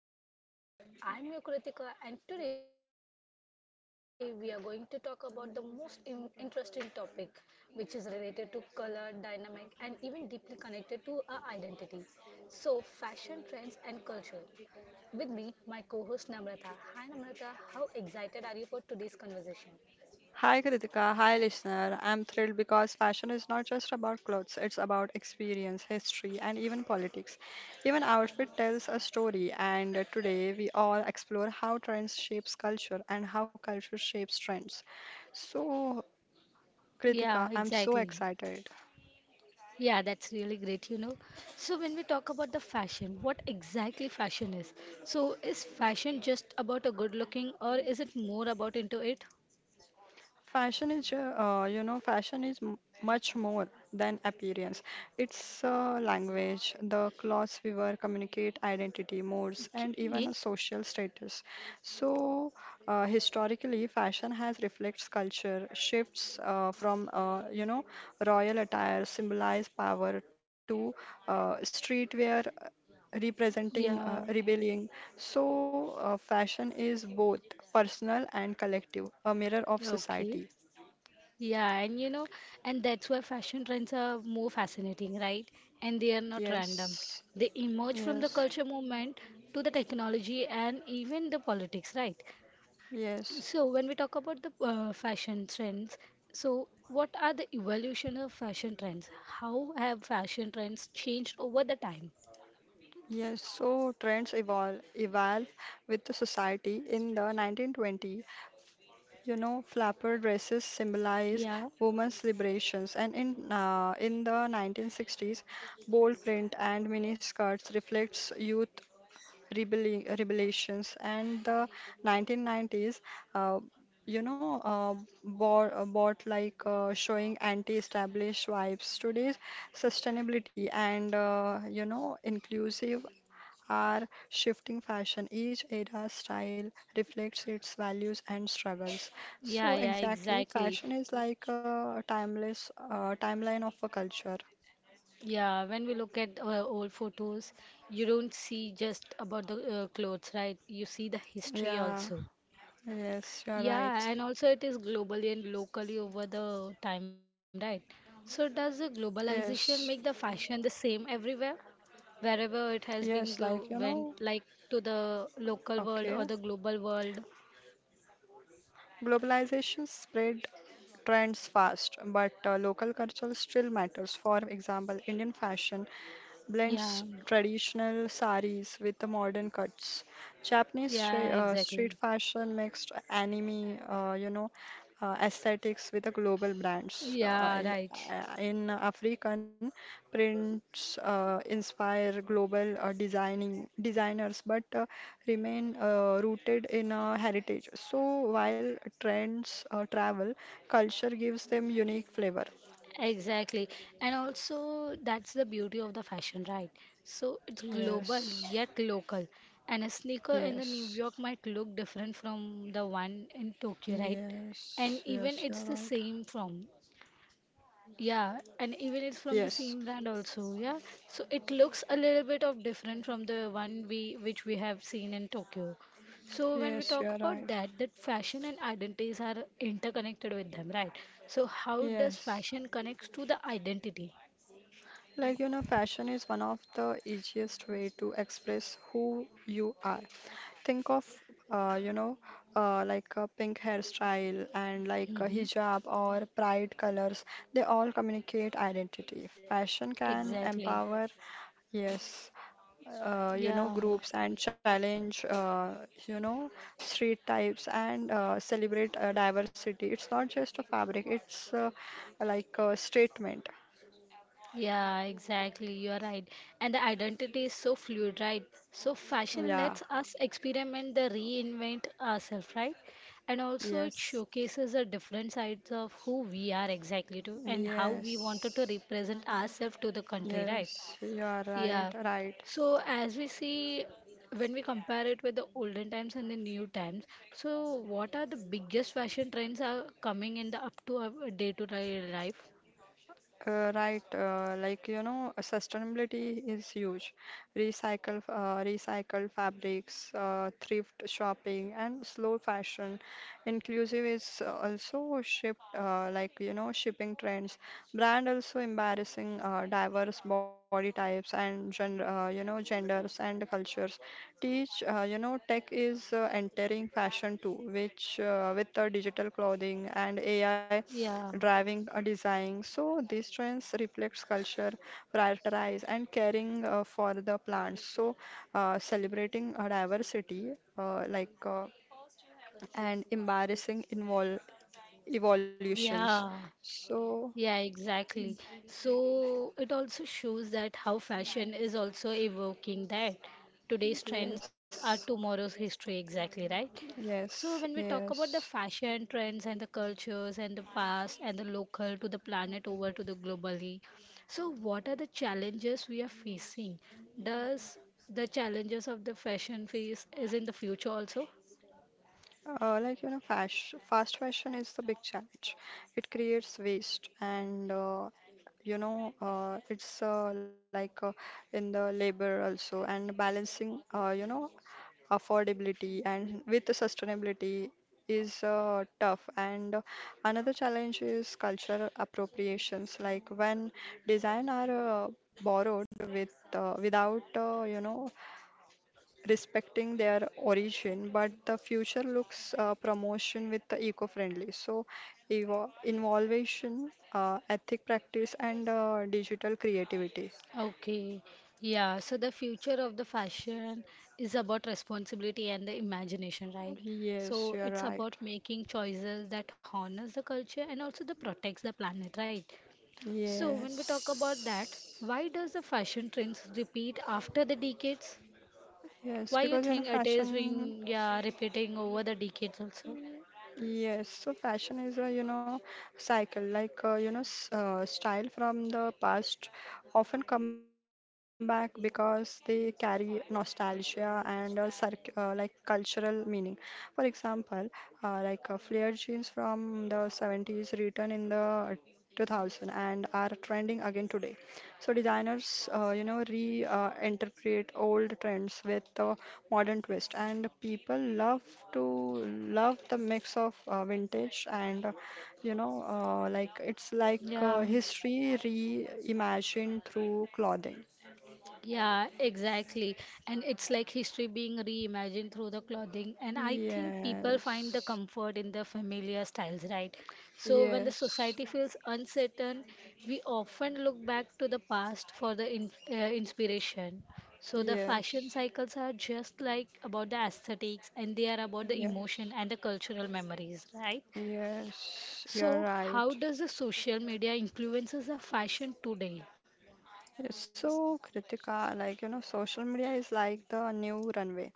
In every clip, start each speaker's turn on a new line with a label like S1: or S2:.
S1: Hello everyone, welcome back to Kiki's podcast. I'm your Kritika and today we are going to talk about the most interesting topic which is related to color, dynamic and even deeply connected to our identity. So fashion trends and culture. With me, my co-host Namrata. Hi Namrata, how excited are you for today's conversation?
S2: Hi Kritika, hi listener. I'm thrilled because fashion is not just about clothes, it's about experience, history, and even politics. Even outfit tells a story, and today we all explore how trends shapes culture and how culture shapes trends. So, Kritika,
S1: Yeah,
S2: I'm so
S1: exactly.
S2: excited.
S1: Yeah, that's really great, So when we talk about the fashion, what exactly fashion is? So is fashion just about a good looking or is it more about into it?
S2: Fashion is, ju- you know, Fashion is much more than appearance. It's a language. The clothes we wear communicate identity, modes, and even a
S1: Okay.
S2: social status. So, historically, fashion has reflects culture, shifts from, royal attire symbolize power to streetwear representing
S1: Yeah.
S2: rebellion. So, fashion is both personal and collective, a mirror of
S1: Okay.
S2: society.
S1: Yeah, and, and that's why fashion trends are more fascinating, right? And they are not random.
S2: Yes,
S1: They emerge from the
S2: yes,
S1: culture movement to the technology and even the politics, right?
S2: yes,
S1: So, when we talk about the fashion trends, so what are the evolution of fashion trends? How have fashion trends changed over the time?
S2: yes. So trends evolve with the society. In the 1920, you know, flapper dresses symbolize
S1: Yeah,
S2: women's liberations, and in the 1960s, bold print and mini skirts reflects youth rebellions and the 1990s uh, you know bought, bought like showing anti-established vibes. Today's sustainability and inclusive are shifting fashion. Each era's style reflects its values and struggles,
S1: yeah,
S2: so
S1: yeah,
S2: exactly,
S1: exactly.
S2: fashion is like a timeless timeline of a culture.
S1: Yeah, when we look at old photos, you don't see just about the clothes, right? You see the history
S2: Yeah,
S1: also.
S2: yes, you're right.
S1: Yeah, and also it is globally and locally over the time, right? So does the globalization
S2: yes
S1: make the fashion the same everywhere? Wherever it has
S2: yes
S1: been
S2: like
S1: go
S2: you know
S1: went like to the local world
S2: Okay.
S1: or the global world.
S2: Globalization spread trends fast, but local culture still matters. For example, Indian fashion blends
S1: Yeah,
S2: traditional saris with the modern cuts.
S1: yeah,
S2: Street
S1: exactly.
S2: fashion mixed anime, aesthetics with the global brands.
S1: Yeah, right,
S2: In African prints inspire global designing designers, but remain rooted in heritage. So while trends travel, culture gives them unique flavor.
S1: exactly. And also that's the beauty of the fashion, right? So it's global
S2: Yes.
S1: yet local, and a sneaker in the New
S2: Yes.
S1: York might look different from the one in Tokyo, right? And
S2: Yes,
S1: even
S2: yes,
S1: it's
S2: you're
S1: the
S2: right.
S1: same from. Yeah, and even it's from the
S2: Yes,
S1: same brand also, yeah. So it looks a little bit of different from the one we which we have seen in Tokyo. So when we
S2: yes, you're
S1: talk
S2: right.
S1: about that, that fashion and identities are interconnected with them, right? So how does
S2: Yes.
S1: fashion connects to the identity?
S2: Like, you know, fashion is one of the easiest way to express who you are. Think of, uh, you know, like a pink hairstyle and like a
S1: Mm-hmm.
S2: hijab or pride colors. They all communicate identity. Fashion can
S1: Exactly.
S2: empower, yes,
S1: Yeah.
S2: groups and challenge you know street types and celebrate diversity. It's not just a fabric, it's like a statement.
S1: Yeah, exactly. You're right. And the identity is so fluid, right? So fashion
S2: Yeah,
S1: lets us experiment the reinvent ourselves, right? And also it
S2: yes,
S1: showcases the different sides of who we are exactly to and how we wanted to
S2: yes,
S1: represent ourselves to the country, right?
S2: yes, you are right,
S1: Yeah.
S2: right.
S1: So as we see when we compare it with the olden times and the new times, so what are the biggest fashion trends are coming in the up to day life?
S2: Sustainability is huge. Recycle fabrics, thrift shopping, and slow fashion. Inclusive is also ship, shipping trends. Brand also embarrassing diverse body types and genders and cultures. Tech is entering fashion too, which with the digital clothing and AI
S1: Yeah.
S2: driving a design. So these trends reflects culture, prioritize and caring for the plants. So celebrating a diversity uh, like uh, and embarrassing invol evolutions.
S1: Yeah.
S2: So
S1: Yeah, exactly. So it also shows that how fashion is also evoking that today's trends are
S2: yes,
S1: tomorrow's history, exactly, right? So
S2: yes,
S1: when we talk about
S2: yes.
S1: the fashion trends and the cultures and the past and the local to the planet over to the globally, so what are the challenges we are facing? Does the challenges of the fashion phase is in the future also?
S2: Fast fashion is the big challenge. It creates waste and you know it's like in the labor also, and balancing affordability and with the sustainability is tough. And another challenge is cultural appropriations, like when design are uh, borrowed without respecting their origin, but the future looks promotion with the eco-friendly. So, evo innovation, ethic practice, and digital creativity.
S1: Okay, yeah, so the future of the fashion is about responsibility and the imagination, right?
S2: Yes,
S1: So
S2: you are
S1: it's about
S2: right.
S1: making choices that honors the culture and also that protects the planet, right? So when we talk
S2: Yes.
S1: about that, why does the fashion trends repeat after the decades?
S2: Yes,
S1: Why you
S2: because you know,
S1: think it is
S2: fashion.
S1: being yeah repeating over the decades also?
S2: Yes, so fashion is a, you know, cycle, like, style from the past often come back because they carry nostalgia and circ like cultural meaning. For example, flare jeans from the 70s return in the 2000 and are trending again today. So designers, re-interpret old trends with a modern twist, and people love to love the mix of vintage and, you know, like it's like
S1: Yeah.
S2: history reimagined through clothing.
S1: Yeah, exactly. And it's like history being reimagined through the clothing. And I think people find the
S2: Yes,
S1: comfort in the familiar styles, right? So when the
S2: yes,
S1: society feels uncertain, we often look back to the past for the inspiration. So the
S2: yes,
S1: fashion cycles are just like about the aesthetics and they are about the
S2: yes,
S1: emotion and the cultural memories, right?
S2: yes. You're
S1: So how
S2: right.
S1: does the social media influences the fashion today?
S2: Yes. So, Kritika, like you know, social media is like the new runway.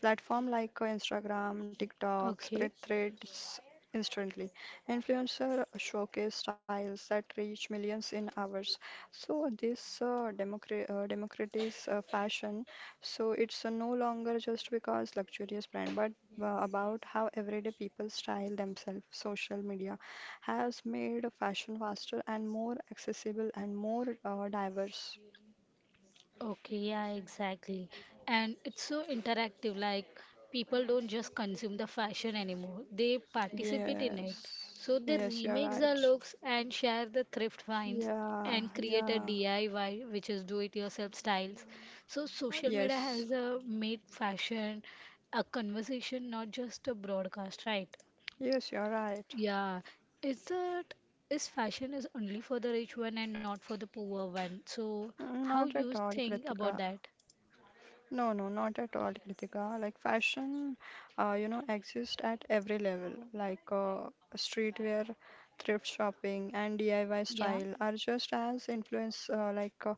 S2: Platform like Instagram, TikTok
S1: Okay.
S2: spread threads instantly. Influencer showcase styles that reach millions in hours. So this democratize fashion. So it's no longer just because luxurious brand, but about how everyday people style themselves. Social media has made fashion faster and more accessible and more diverse.
S1: Okay, yeah, exactly. And it's so interactive, like people don't just consume the fashion anymore, they participate in it.
S2: Yes,
S1: So they
S2: yes, you're
S1: remake the
S2: right.
S1: looks and share the thrift finds
S2: Yeah,
S1: and create a
S2: yeah.
S1: DIY, which is do it yourself styles. So social media
S2: Yes,
S1: has made fashion a conversation, not just a broadcast, right?
S2: yes, you're right.
S1: Yeah, is that is fashion is only for the rich one and not for the poor one. So
S2: Mm,
S1: how
S2: not at
S1: you
S2: all,
S1: think
S2: Kritika.
S1: about that?
S2: No, no, not at all, Kritika. Like fashion, exists at every level. Like streetwear, thrift shopping, and DIY
S1: Yeah,
S2: style are just as influence uh, like uh,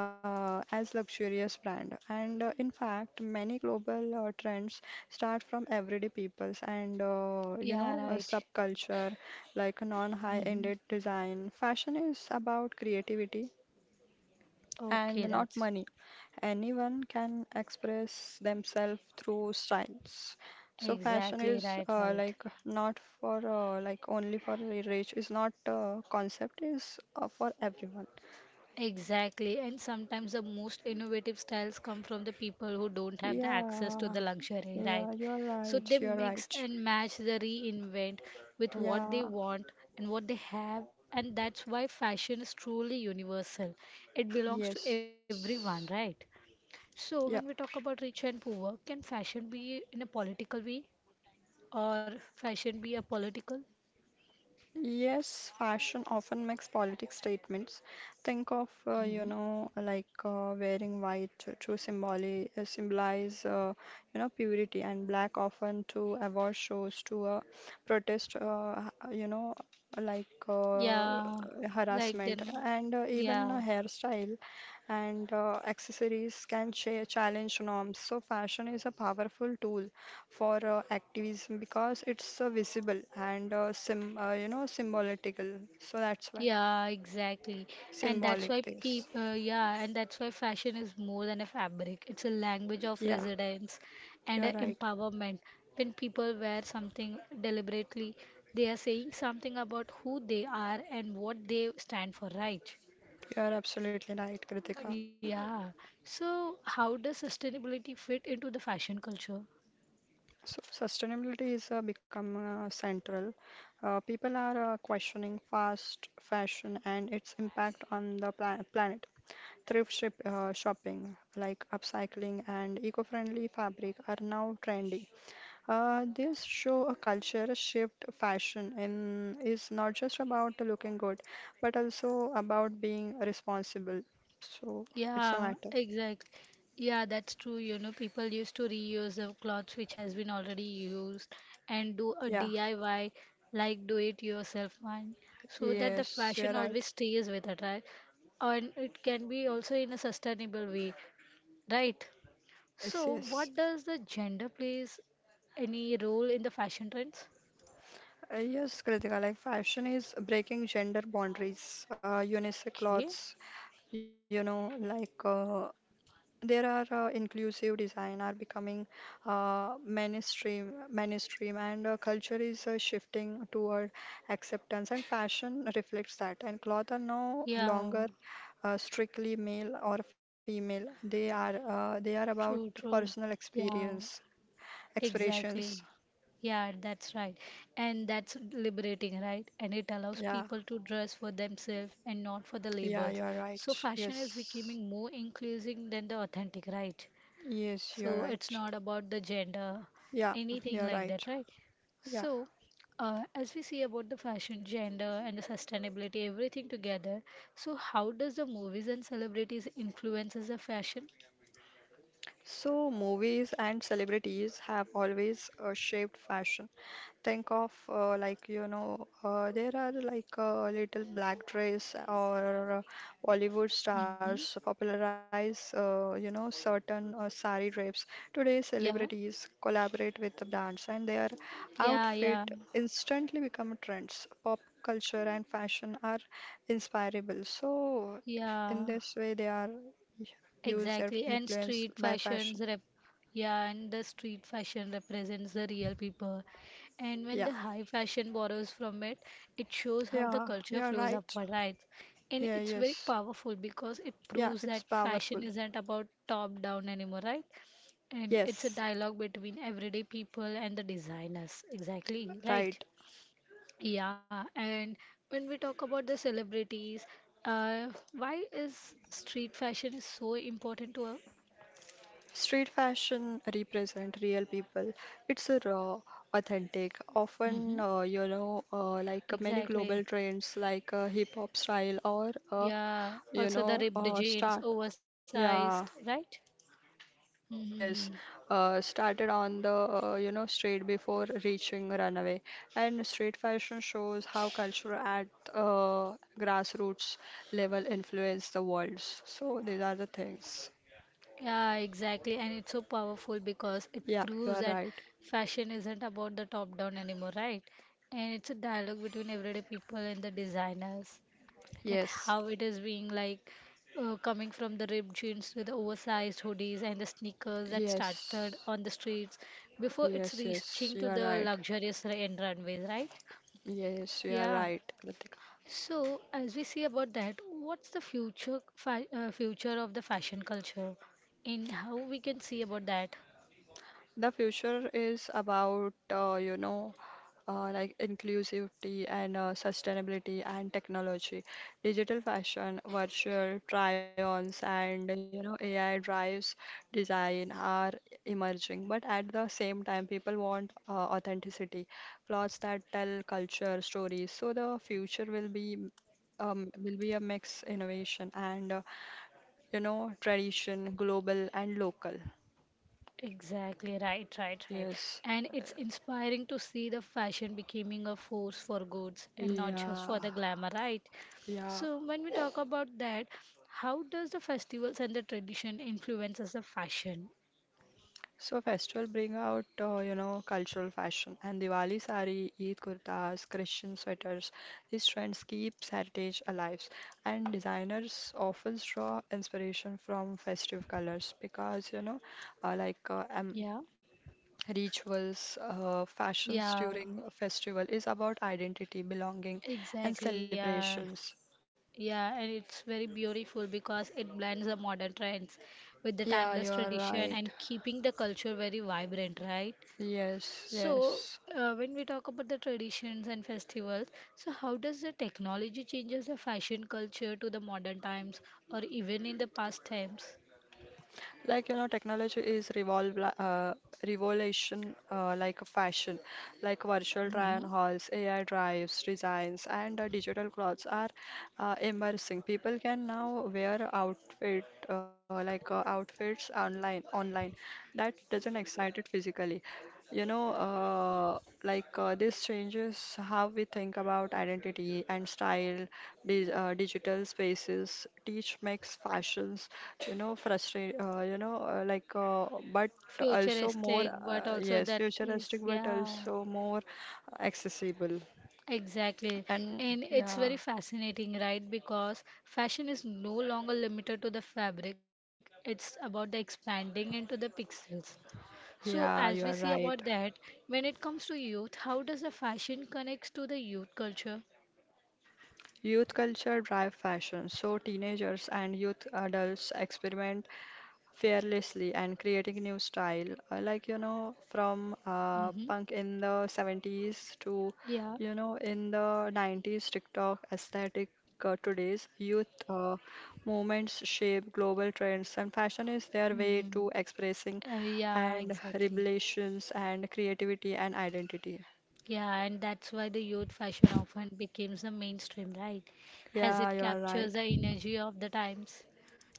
S2: uh, as luxurious brand. And in fact, many global trends start from everyday peoples and
S1: yeah, right.
S2: subculture, like
S1: Hmm.
S2: non-high-ended design. Fashion is about creativity and
S1: Okay,
S2: not
S1: that's
S2: money. Anyone can express themselves through styles. So fashion
S1: exactly
S2: is
S1: right, right.
S2: not for like only for the rich. It's not a concept. Is for everyone.
S1: Exactly. And sometimes the most innovative styles come from the people who don't have the access to the
S2: Yeah,
S1: luxury, right?
S2: yeah. You're
S1: So
S2: right.
S1: they
S2: You're
S1: mix
S2: right.
S1: and match the reinvent with what they
S2: Yeah.
S1: want and what they have. And that's why fashion is truly universal. It belongs to everyone,
S2: Yes.
S1: right? So
S2: Yeah.
S1: when we talk about rich and poor, can fashion be in a political way or fashion be a political?
S2: Yes, fashion often makes politic statements. Think of,
S1: Mhm.
S2: wearing white to symbolize, purity, and black often to award shows to protest, like uh,
S1: Yeah, like the
S2: harassment, and even
S1: yeah,
S2: a hairstyle and accessories can challenge norms. So, fashion is a powerful tool for activism because it's visible and sim you know symbolical. So that's why
S1: yeah, exactly. And that's
S2: symbolic
S1: why
S2: this.
S1: people, yeah, and that's why fashion is more than a fabric. It's a language of
S2: Yeah,
S1: residence
S2: you
S1: and a
S2: are right.
S1: empowerment. When people wear something deliberately, they are saying something about who they are and what they stand for, right?
S2: You are absolutely right, Kritika.
S1: Yeah. So, how does sustainability fit into the fashion culture?
S2: So sustainability is become central. People are questioning fast fashion and its impact on the planet. Shopping, like upcycling and eco-friendly fabric, are now trendy. This show a culture shift. Fashion in is not just about looking good, but also about being responsible. So it's a
S1: Yeah,
S2: matter.
S1: exactly. Yeah, that's true. You know, people used to reuse the clothes which has been already used and do a
S2: Yeah.
S1: DIY, like do it yourself one, so that the
S2: Yes,
S1: fashion
S2: you're right.
S1: always stays with it, right? And it can be also in a sustainable way, right?
S2: Yes,
S1: So,
S2: yes.
S1: what does the gender plays any role in the fashion trends?
S2: Yes, Kritika, like fashion is breaking gender boundaries. Unisex
S1: Okay.
S2: clothes, you know, like uh, there are inclusive design are becoming mainstream, and culture is shifting toward acceptance. And fashion reflects that. And clothes are no
S1: Yeah,
S2: longer strictly male or female. They are about
S1: true, true.
S2: personal
S1: Yeah,
S2: experience, expressions.
S1: exactly. Yeah, that's right. And that's liberating, right? And it allows
S2: Yeah,
S1: people to dress for themselves and not for the
S2: yeah,
S1: labels.
S2: you're
S1: So
S2: right.
S1: fashion is
S2: Yes,
S1: becoming more inclusive than the authentic, right?
S2: yes, you're
S1: So it's
S2: right.
S1: not about the gender,
S2: Yeah,
S1: anything
S2: you're
S1: like that,
S2: right.
S1: right?
S2: Yeah.
S1: So, as we see about the fashion, gender, and the sustainability, everything together, so how does the movies and celebrities influences the fashion?
S2: So movies and celebrities have always shaped fashion. Think of like you know there are like little black dress, or Bollywood
S1: Mm-hmm.
S2: stars popularize certain sari drapes. Today
S1: Yeah,
S2: celebrities collaborate with the brands and their
S1: yeah, yeah,
S2: outfit instantly become trends. Pop culture and fashion are inspirable. So in
S1: yeah.
S2: this way they are use their
S1: Exactly, and
S2: influence
S1: street
S2: by fashion.
S1: fashions rep yeah, and the street fashion represents the real people. And when
S2: Yeah,
S1: the high fashion borrows from it, it shows how the
S2: yeah,
S1: culture
S2: you're
S1: flows
S2: right.
S1: upward, right? And
S2: Yeah,
S1: it's very
S2: yes.
S1: powerful because it
S2: Yeah,
S1: proves
S2: it's
S1: that fashion
S2: powerful.
S1: isn't about top down anymore, right? And it's a
S2: Yes,
S1: dialogue between everyday people and the designers. Exactly, right?
S2: right.
S1: Yeah, and when we talk about the celebrities, uh, why is street fashion so important to
S2: Street fashion represent real people. It's a raw, authentic, often
S1: hmm.
S2: many global
S1: Exactly.
S2: trends like hip hop style, or
S1: Yeah. Also the ripped
S2: start.
S1: jeans,
S2: Yeah,
S1: oversized, right?
S2: yes.
S1: Mm-hmm.
S2: Started on the street before reaching runway. And street fashion shows how culture at uh, grassroots level influence the world. So these are the things.
S1: Yeah, exactly. And it's so powerful because it
S2: Yeah, you
S1: proves
S2: are
S1: that
S2: right.
S1: fashion isn't about the top down anymore, right? And it's a dialogue between everyday people and the designers that
S2: Yes,
S1: how it is being like coming from the ripped jeans to the oversized hoodies and the sneakers that started
S2: yes,
S1: on the streets before it's
S2: yes, yes,
S1: reaching
S2: you
S1: to
S2: are
S1: the
S2: right.
S1: luxurious and runways, right?
S2: Yes, you are
S1: Yeah.
S2: right. Latika.
S1: So, as we see about that, what's the future fa future of the fashion culture and how we can see about that?
S2: The future is about, inclusivity and sustainability and technology, digital fashion, virtual try-ons, and you know AI drives design are emerging. But at the same time, people want authenticity, clothes that tell culture stories. So the future will be a mix innovation and tradition, global and local.
S1: Exactly, right.
S2: Yes.
S1: And it's inspiring to see the fashion becoming a force for goods and not just
S2: Yeah.
S1: for the glamour, right?
S2: Yeah,
S1: So, when we talk about that, how does the festivals and the tradition influences the fashion?
S2: so festival bring out cultural fashion and Diwali sari, Eid kurtas, Christian sweaters. These trends keeps heritage alive, and designers often draw inspiration from festive colors because you know, uh, like uh, um,
S1: Yeah,
S2: rituals, fashions
S1: yeah,
S2: during a festival is about identity, belonging, and
S1: exactly, yeah.
S2: celebrations.
S1: Yeah, and it's very beautiful because it blends the modern trends with the
S2: Yeah, you are
S1: timeless
S2: right.
S1: tradition and keeping the culture very vibrant, right?
S2: Yes, yes.
S1: So, when we talk about the traditions and festivals, so how does the technology changes the fashion culture to the modern times or even in the past times?
S2: Like, you know, technology is revolution like a fashion, like virtual try-on
S1: Hmm.
S2: hauls, AI drives, designs, and digital clothes are immersing. People can now wear outfits online that doesn't excite it physically. You know, this changes how we think about identity and style. Di Digital spaces teach makes fashions, you know, frustrate, but also more,
S1: Futuristic, but also
S2: yes,
S1: that is,
S2: futuristic, but
S1: yeah.
S2: also more accessible.
S1: Exactly.
S2: And
S1: And it's
S2: yeah,
S1: very fascinating, right? Because fashion is no longer limited to the fabric. It's about the expanding into the pixels. So as we see
S2: yeah, you are
S1: about that,
S2: right.
S1: when it comes to youth, how does the fashion connects to the youth culture?
S2: Youth culture drive fashion, so teenagers and youth adults experiment fearlessly and creating new style, from
S1: Mm-hmm.
S2: punk in the 70s to
S1: Yeah.
S2: you know in the 90s TikTok aesthetic. Today's youth movements shape global trends, and fashion is their way to
S1: Mm-hmm.
S2: expressing
S1: Yeah,
S2: and
S1: exactly.
S2: revelations and creativity and identity.
S1: Yeah, and that's why the youth fashion often becomes the mainstream, right? As
S2: Yeah,
S1: it
S2: you are
S1: captures
S2: right.
S1: the energy of the times.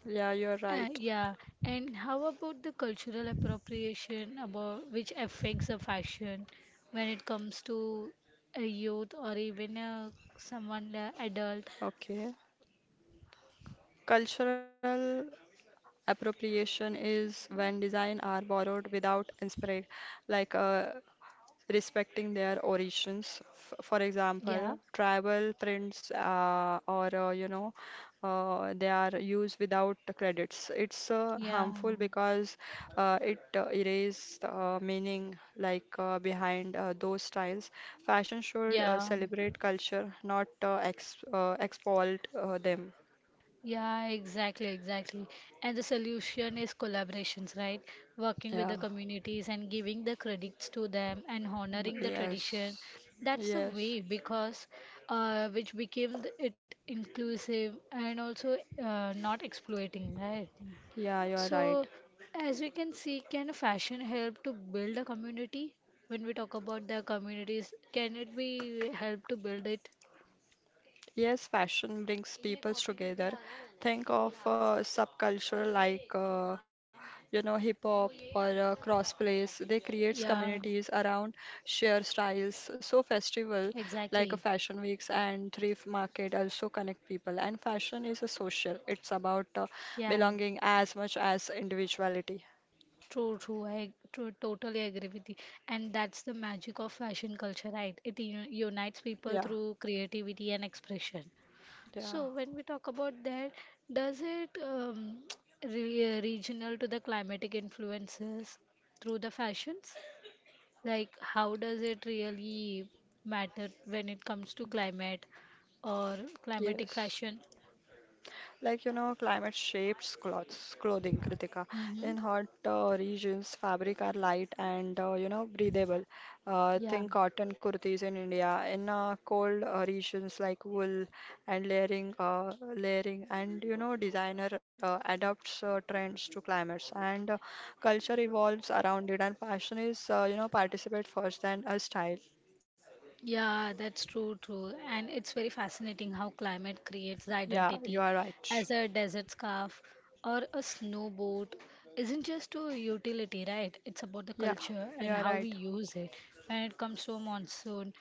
S2: Yeah, you are right.
S1: Yeah, and how about the cultural appropriation about which affects the fashion when it comes to a youth or even a someone adult?
S2: Okay, cultural appropriation is when design are borrowed without inspiring, like respecting their origins. F, for
S1: Yeah,
S2: example, tribal prints or they are used without the credits. It's
S1: yeah,
S2: harmful because it erases meaning like behind those styles. Fashion should
S1: yeah,
S2: celebrate culture, not ex exploit them.
S1: yeah. exactly, exactly. And the solution is collaborations, right? Working with
S2: Yeah.
S1: the communities and giving the credits to them and honoring the tradition.
S2: Yes,
S1: That's the
S2: yes,
S1: way because which became it inclusive and also not exploiting, right?
S2: yeah, you are right.
S1: So as we can see, can fashion help to build a community? When we talk about the communities, can it be help to build it?
S2: Yes, fashion brings peoples together. Think of a subculture like, hip hop or crossplays. They creates
S1: Yeah,
S2: communities around share styles. So festival
S1: exactly.
S2: like a fashion weeks and thrift market also connect people. And fashion is a social. It's about
S1: Yeah.
S2: belonging as much as individuality.
S1: True, true. I true, totally agree with you. And that's the magic of fashion culture, right? It unites people
S2: Yeah,
S1: through creativity and expression.
S2: yeah,
S1: So when we talk about that, does it re regional to the climatic influences through the fashions? Like how does it really matter when it comes to climate or climatic
S2: yes.
S1: fashion?
S2: Like, you know, climate shapes clothes, clothing, Kritika. In
S1: Mm-hmm.
S2: hot regions, fabric are light and, breathable. Think
S1: Yeah.
S2: cotton kurtis in India. In cold regions like wool and layering and, you know, designer adapts trends to climates and culture evolves around it. And fashion is, participate first than a style.
S1: Yeah, that's true, true. And it's very fascinating how climate creates the
S2: Yeah, you
S1: identity
S2: are right.
S1: as a desert scarf or a snowboard isn't just a utility, right? It's about the
S2: Yeah,
S1: culture
S2: you
S1: and
S2: are
S1: how we
S2: right.
S1: use it. When it comes to a monsoon,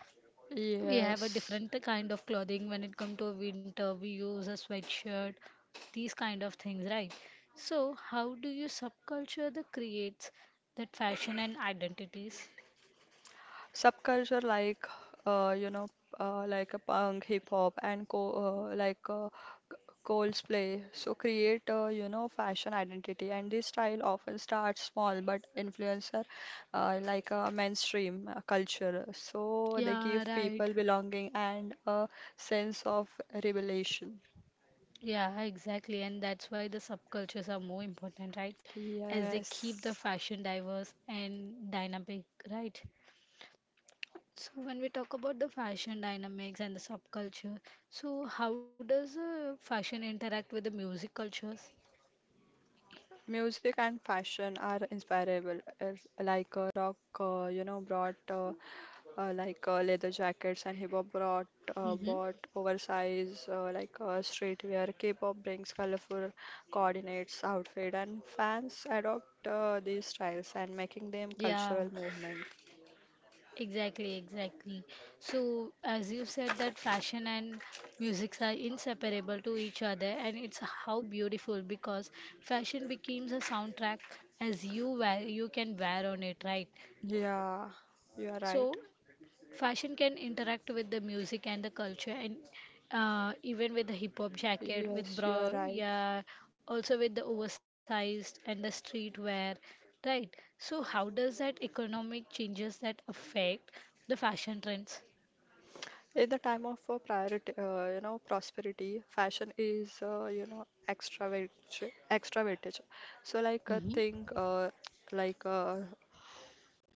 S1: we have a
S2: Yes.
S1: different kind of clothing. When it comes to a winter, we use a sweatshirt, these kind of things, right? So, how do you subculture that creates that fashion and identities?
S2: Subculture like uh, you know a punk, hip hop, and uh, like uh, c- Coldplay, so create fashion identity, and this style often starts small but influencer like a mainstream culture, so they
S1: Yeah,
S2: give
S1: right.
S2: people belonging and a sense of revelation.
S1: Yeah, exactly. And that's why the subcultures are more important, right? As they keep
S2: Yes.
S1: the fashion diverse and dynamic, right? So when we talk about the fashion dynamics and the subculture, so how does fashion interact with the music cultures?
S2: Music and fashion are inspirable. If, like rock, brought leather jackets, and hip hop brought
S1: Mm-hmm.
S2: bought oversized streetwear. K-pop brings colorful coordinates outfit, and fans adopt these styles and making them
S1: Yeah.
S2: cultural movement.
S1: Exactly, exactly. So, as you said, that fashion and music are inseparable to each other, and it's how beautiful because fashion becomes a soundtrack as you wear, you can wear on it, right?
S2: Yeah, you are right.
S1: So, fashion can interact with the music and the culture, and even with the hip hop jacket, with
S2: Yes, you
S1: bra,
S2: are right.
S1: yeah, also with the oversized and the street wear, right? So, how does that economic changes that affect the fashion trends?
S2: In the time of prosperity, fashion is, extra weightage. So, like, I
S1: Hmm
S2: think, like, uh,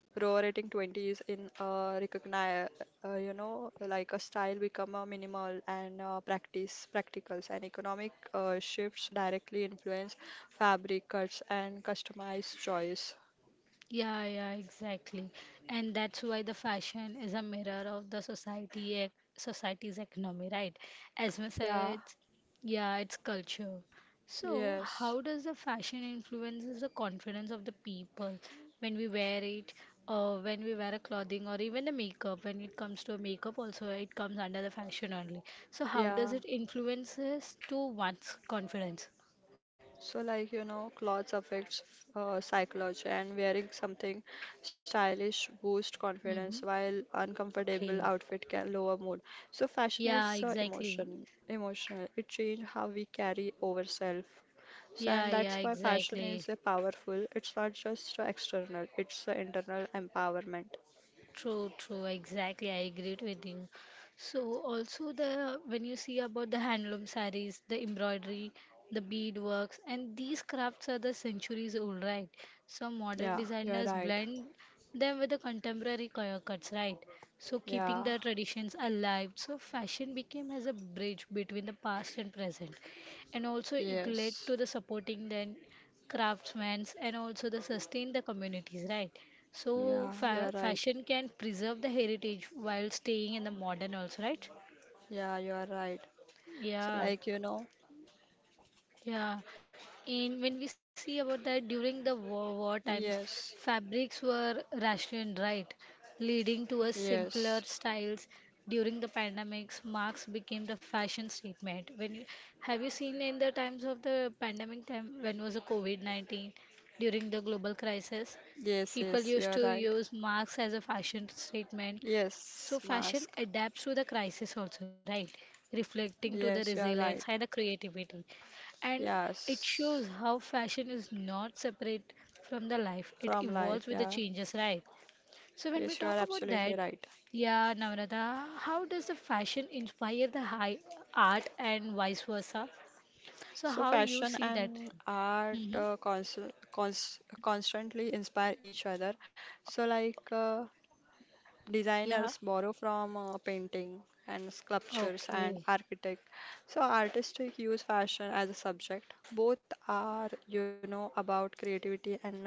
S2: roaring twenties in recognize, like a style become a minimal and practice practicals, and economic shifts directly influence fabric cuts and customized choice.
S1: Yeah, yeah, exactly. And that's why the fashion is a mirror of the society, society's economy, right? As much
S2: Yeah.
S1: as, yeah, it's culture. So,
S2: Yes.
S1: how does the fashion influences the confidence of the people when we wear it, or when we wear a clothing, or even the makeup? When it comes to makeup, also it comes under the fashion only. So, how does it
S2: Yeah.
S1: influences to one's confidence?
S2: So like you know, clothes affects psychology, and wearing something stylish boost
S1: Mm-hmm.
S2: confidence while
S1: Okay.
S2: uncomfortable outfit can lower mood. So fashion
S1: Yeah,
S2: is
S1: exactly.
S2: emotional. It change how we carry ourselves. So
S1: Yeah,
S2: and
S1: yeah,
S2: that's why fashion
S1: exactly.
S2: is a powerful. It's not just external, it's a internal empowerment.
S1: True, true, exactly. I agreed with you. So also the when you see about the handloom sarees, the embroidery, the beadworks, and these crafts are the centuries old, right? So modern
S2: Yeah, you're
S1: designers
S2: right.
S1: blend them with the contemporary cuts, right? So keeping
S2: Yeah.
S1: the traditions alive. So fashion became as a bridge between the past and present, and also it led
S2: Yes.
S1: to the supporting then craftsmen and also the sustain the communities, right? So
S2: Yeah, you are
S1: fa
S2: right.
S1: fashion can preserve the heritage while staying in the modern also, right?
S2: Yeah, you are right. So
S1: Yeah,
S2: like you know,
S1: yeah, and when we see about that during the war times,
S2: yes.
S1: fabrics were rationed, right? Leading to a
S2: Yes,
S1: simpler styles. During the pandemics, marks became the fashion statement. When you, have you seen in the times of the pandemic time when was the COVID-19 during the global crisis,
S2: yes, yes,
S1: people
S2: you are
S1: used to
S2: right.
S1: use marks as a fashion statement.
S2: Yes,
S1: So
S2: mask.
S1: fashion adapts to the crisis also, right? Reflecting to
S2: Yes, you
S1: the
S2: are right.
S1: resilience and the creativity. And it
S2: Yes,
S1: shows how fashion is not separate from the life. It
S2: from life.
S1: evolves with the
S2: Yeah,
S1: changes, right? So when
S2: yes,
S1: we
S2: you are
S1: talk about
S2: absolutely
S1: that,
S2: right.
S1: yeah, Namrata, how does the fashion inspire the high art and vice versa? So
S2: So,
S1: how you
S2: fashion
S1: see that?
S2: and art
S1: Hmm
S2: constantly inspire each other. So, like,
S1: Yeah.
S2: designers borrow from painting and sculptures and
S1: Okay.
S2: architect. So artistic use fashion as a subject. Both are, you know, about creativity and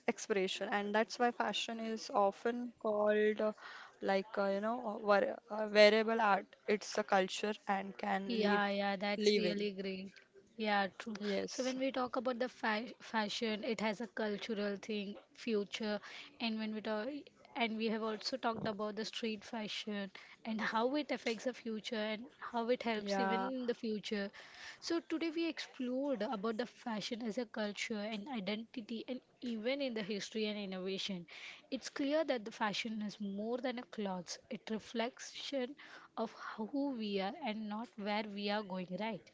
S2: expression, and that's why fashion is often called wearable art. It's a culture and can live
S1: Yeah, yeah, that's
S2: live in.
S1: really great. Yeah, true. So
S2: Yes.
S1: when we talk about the fa fashion, it has a cultural thing, future, and when we talk, and we have also talked about the street fashion and how it affects the future and how it helps even
S2: Yeah.
S1: in the future. So today we explored about the fashion as a culture and identity and even in the history and innovation. It's clear that the fashion is more than a clothes. It reflection of who we are and not where we are going, right?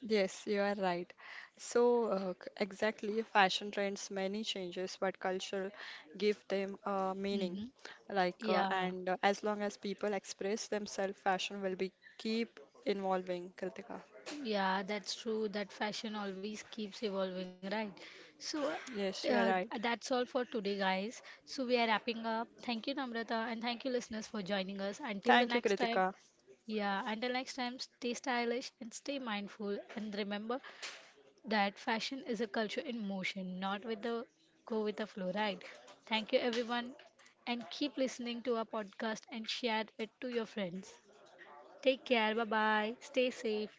S2: Yes, you are right. So, exactly, fashion trends many changes, but culture give them meaning.
S1: hmm
S2: Like,
S1: Yeah,
S2: and as long as people express themselves, fashion will be keep evolving, Kritika.
S1: yeah, that's true. That fashion always keeps evolving, right? So,
S2: Yes, you are
S1: uh,
S2: right.
S1: that's all for today, guys. So, we are wrapping up. Thank you, Namrata, and thank you, listeners, for joining us. Until
S2: Thank
S1: the
S2: you,
S1: next time,
S2: Kritika.
S1: yeah, until next time, stay stylish and stay mindful. And remember, that fashion is a culture in motion, not with the go with the flow, right? Thank you everyone and keep listening to our podcast and share it to your friends. Take care, bye bye, stay safe.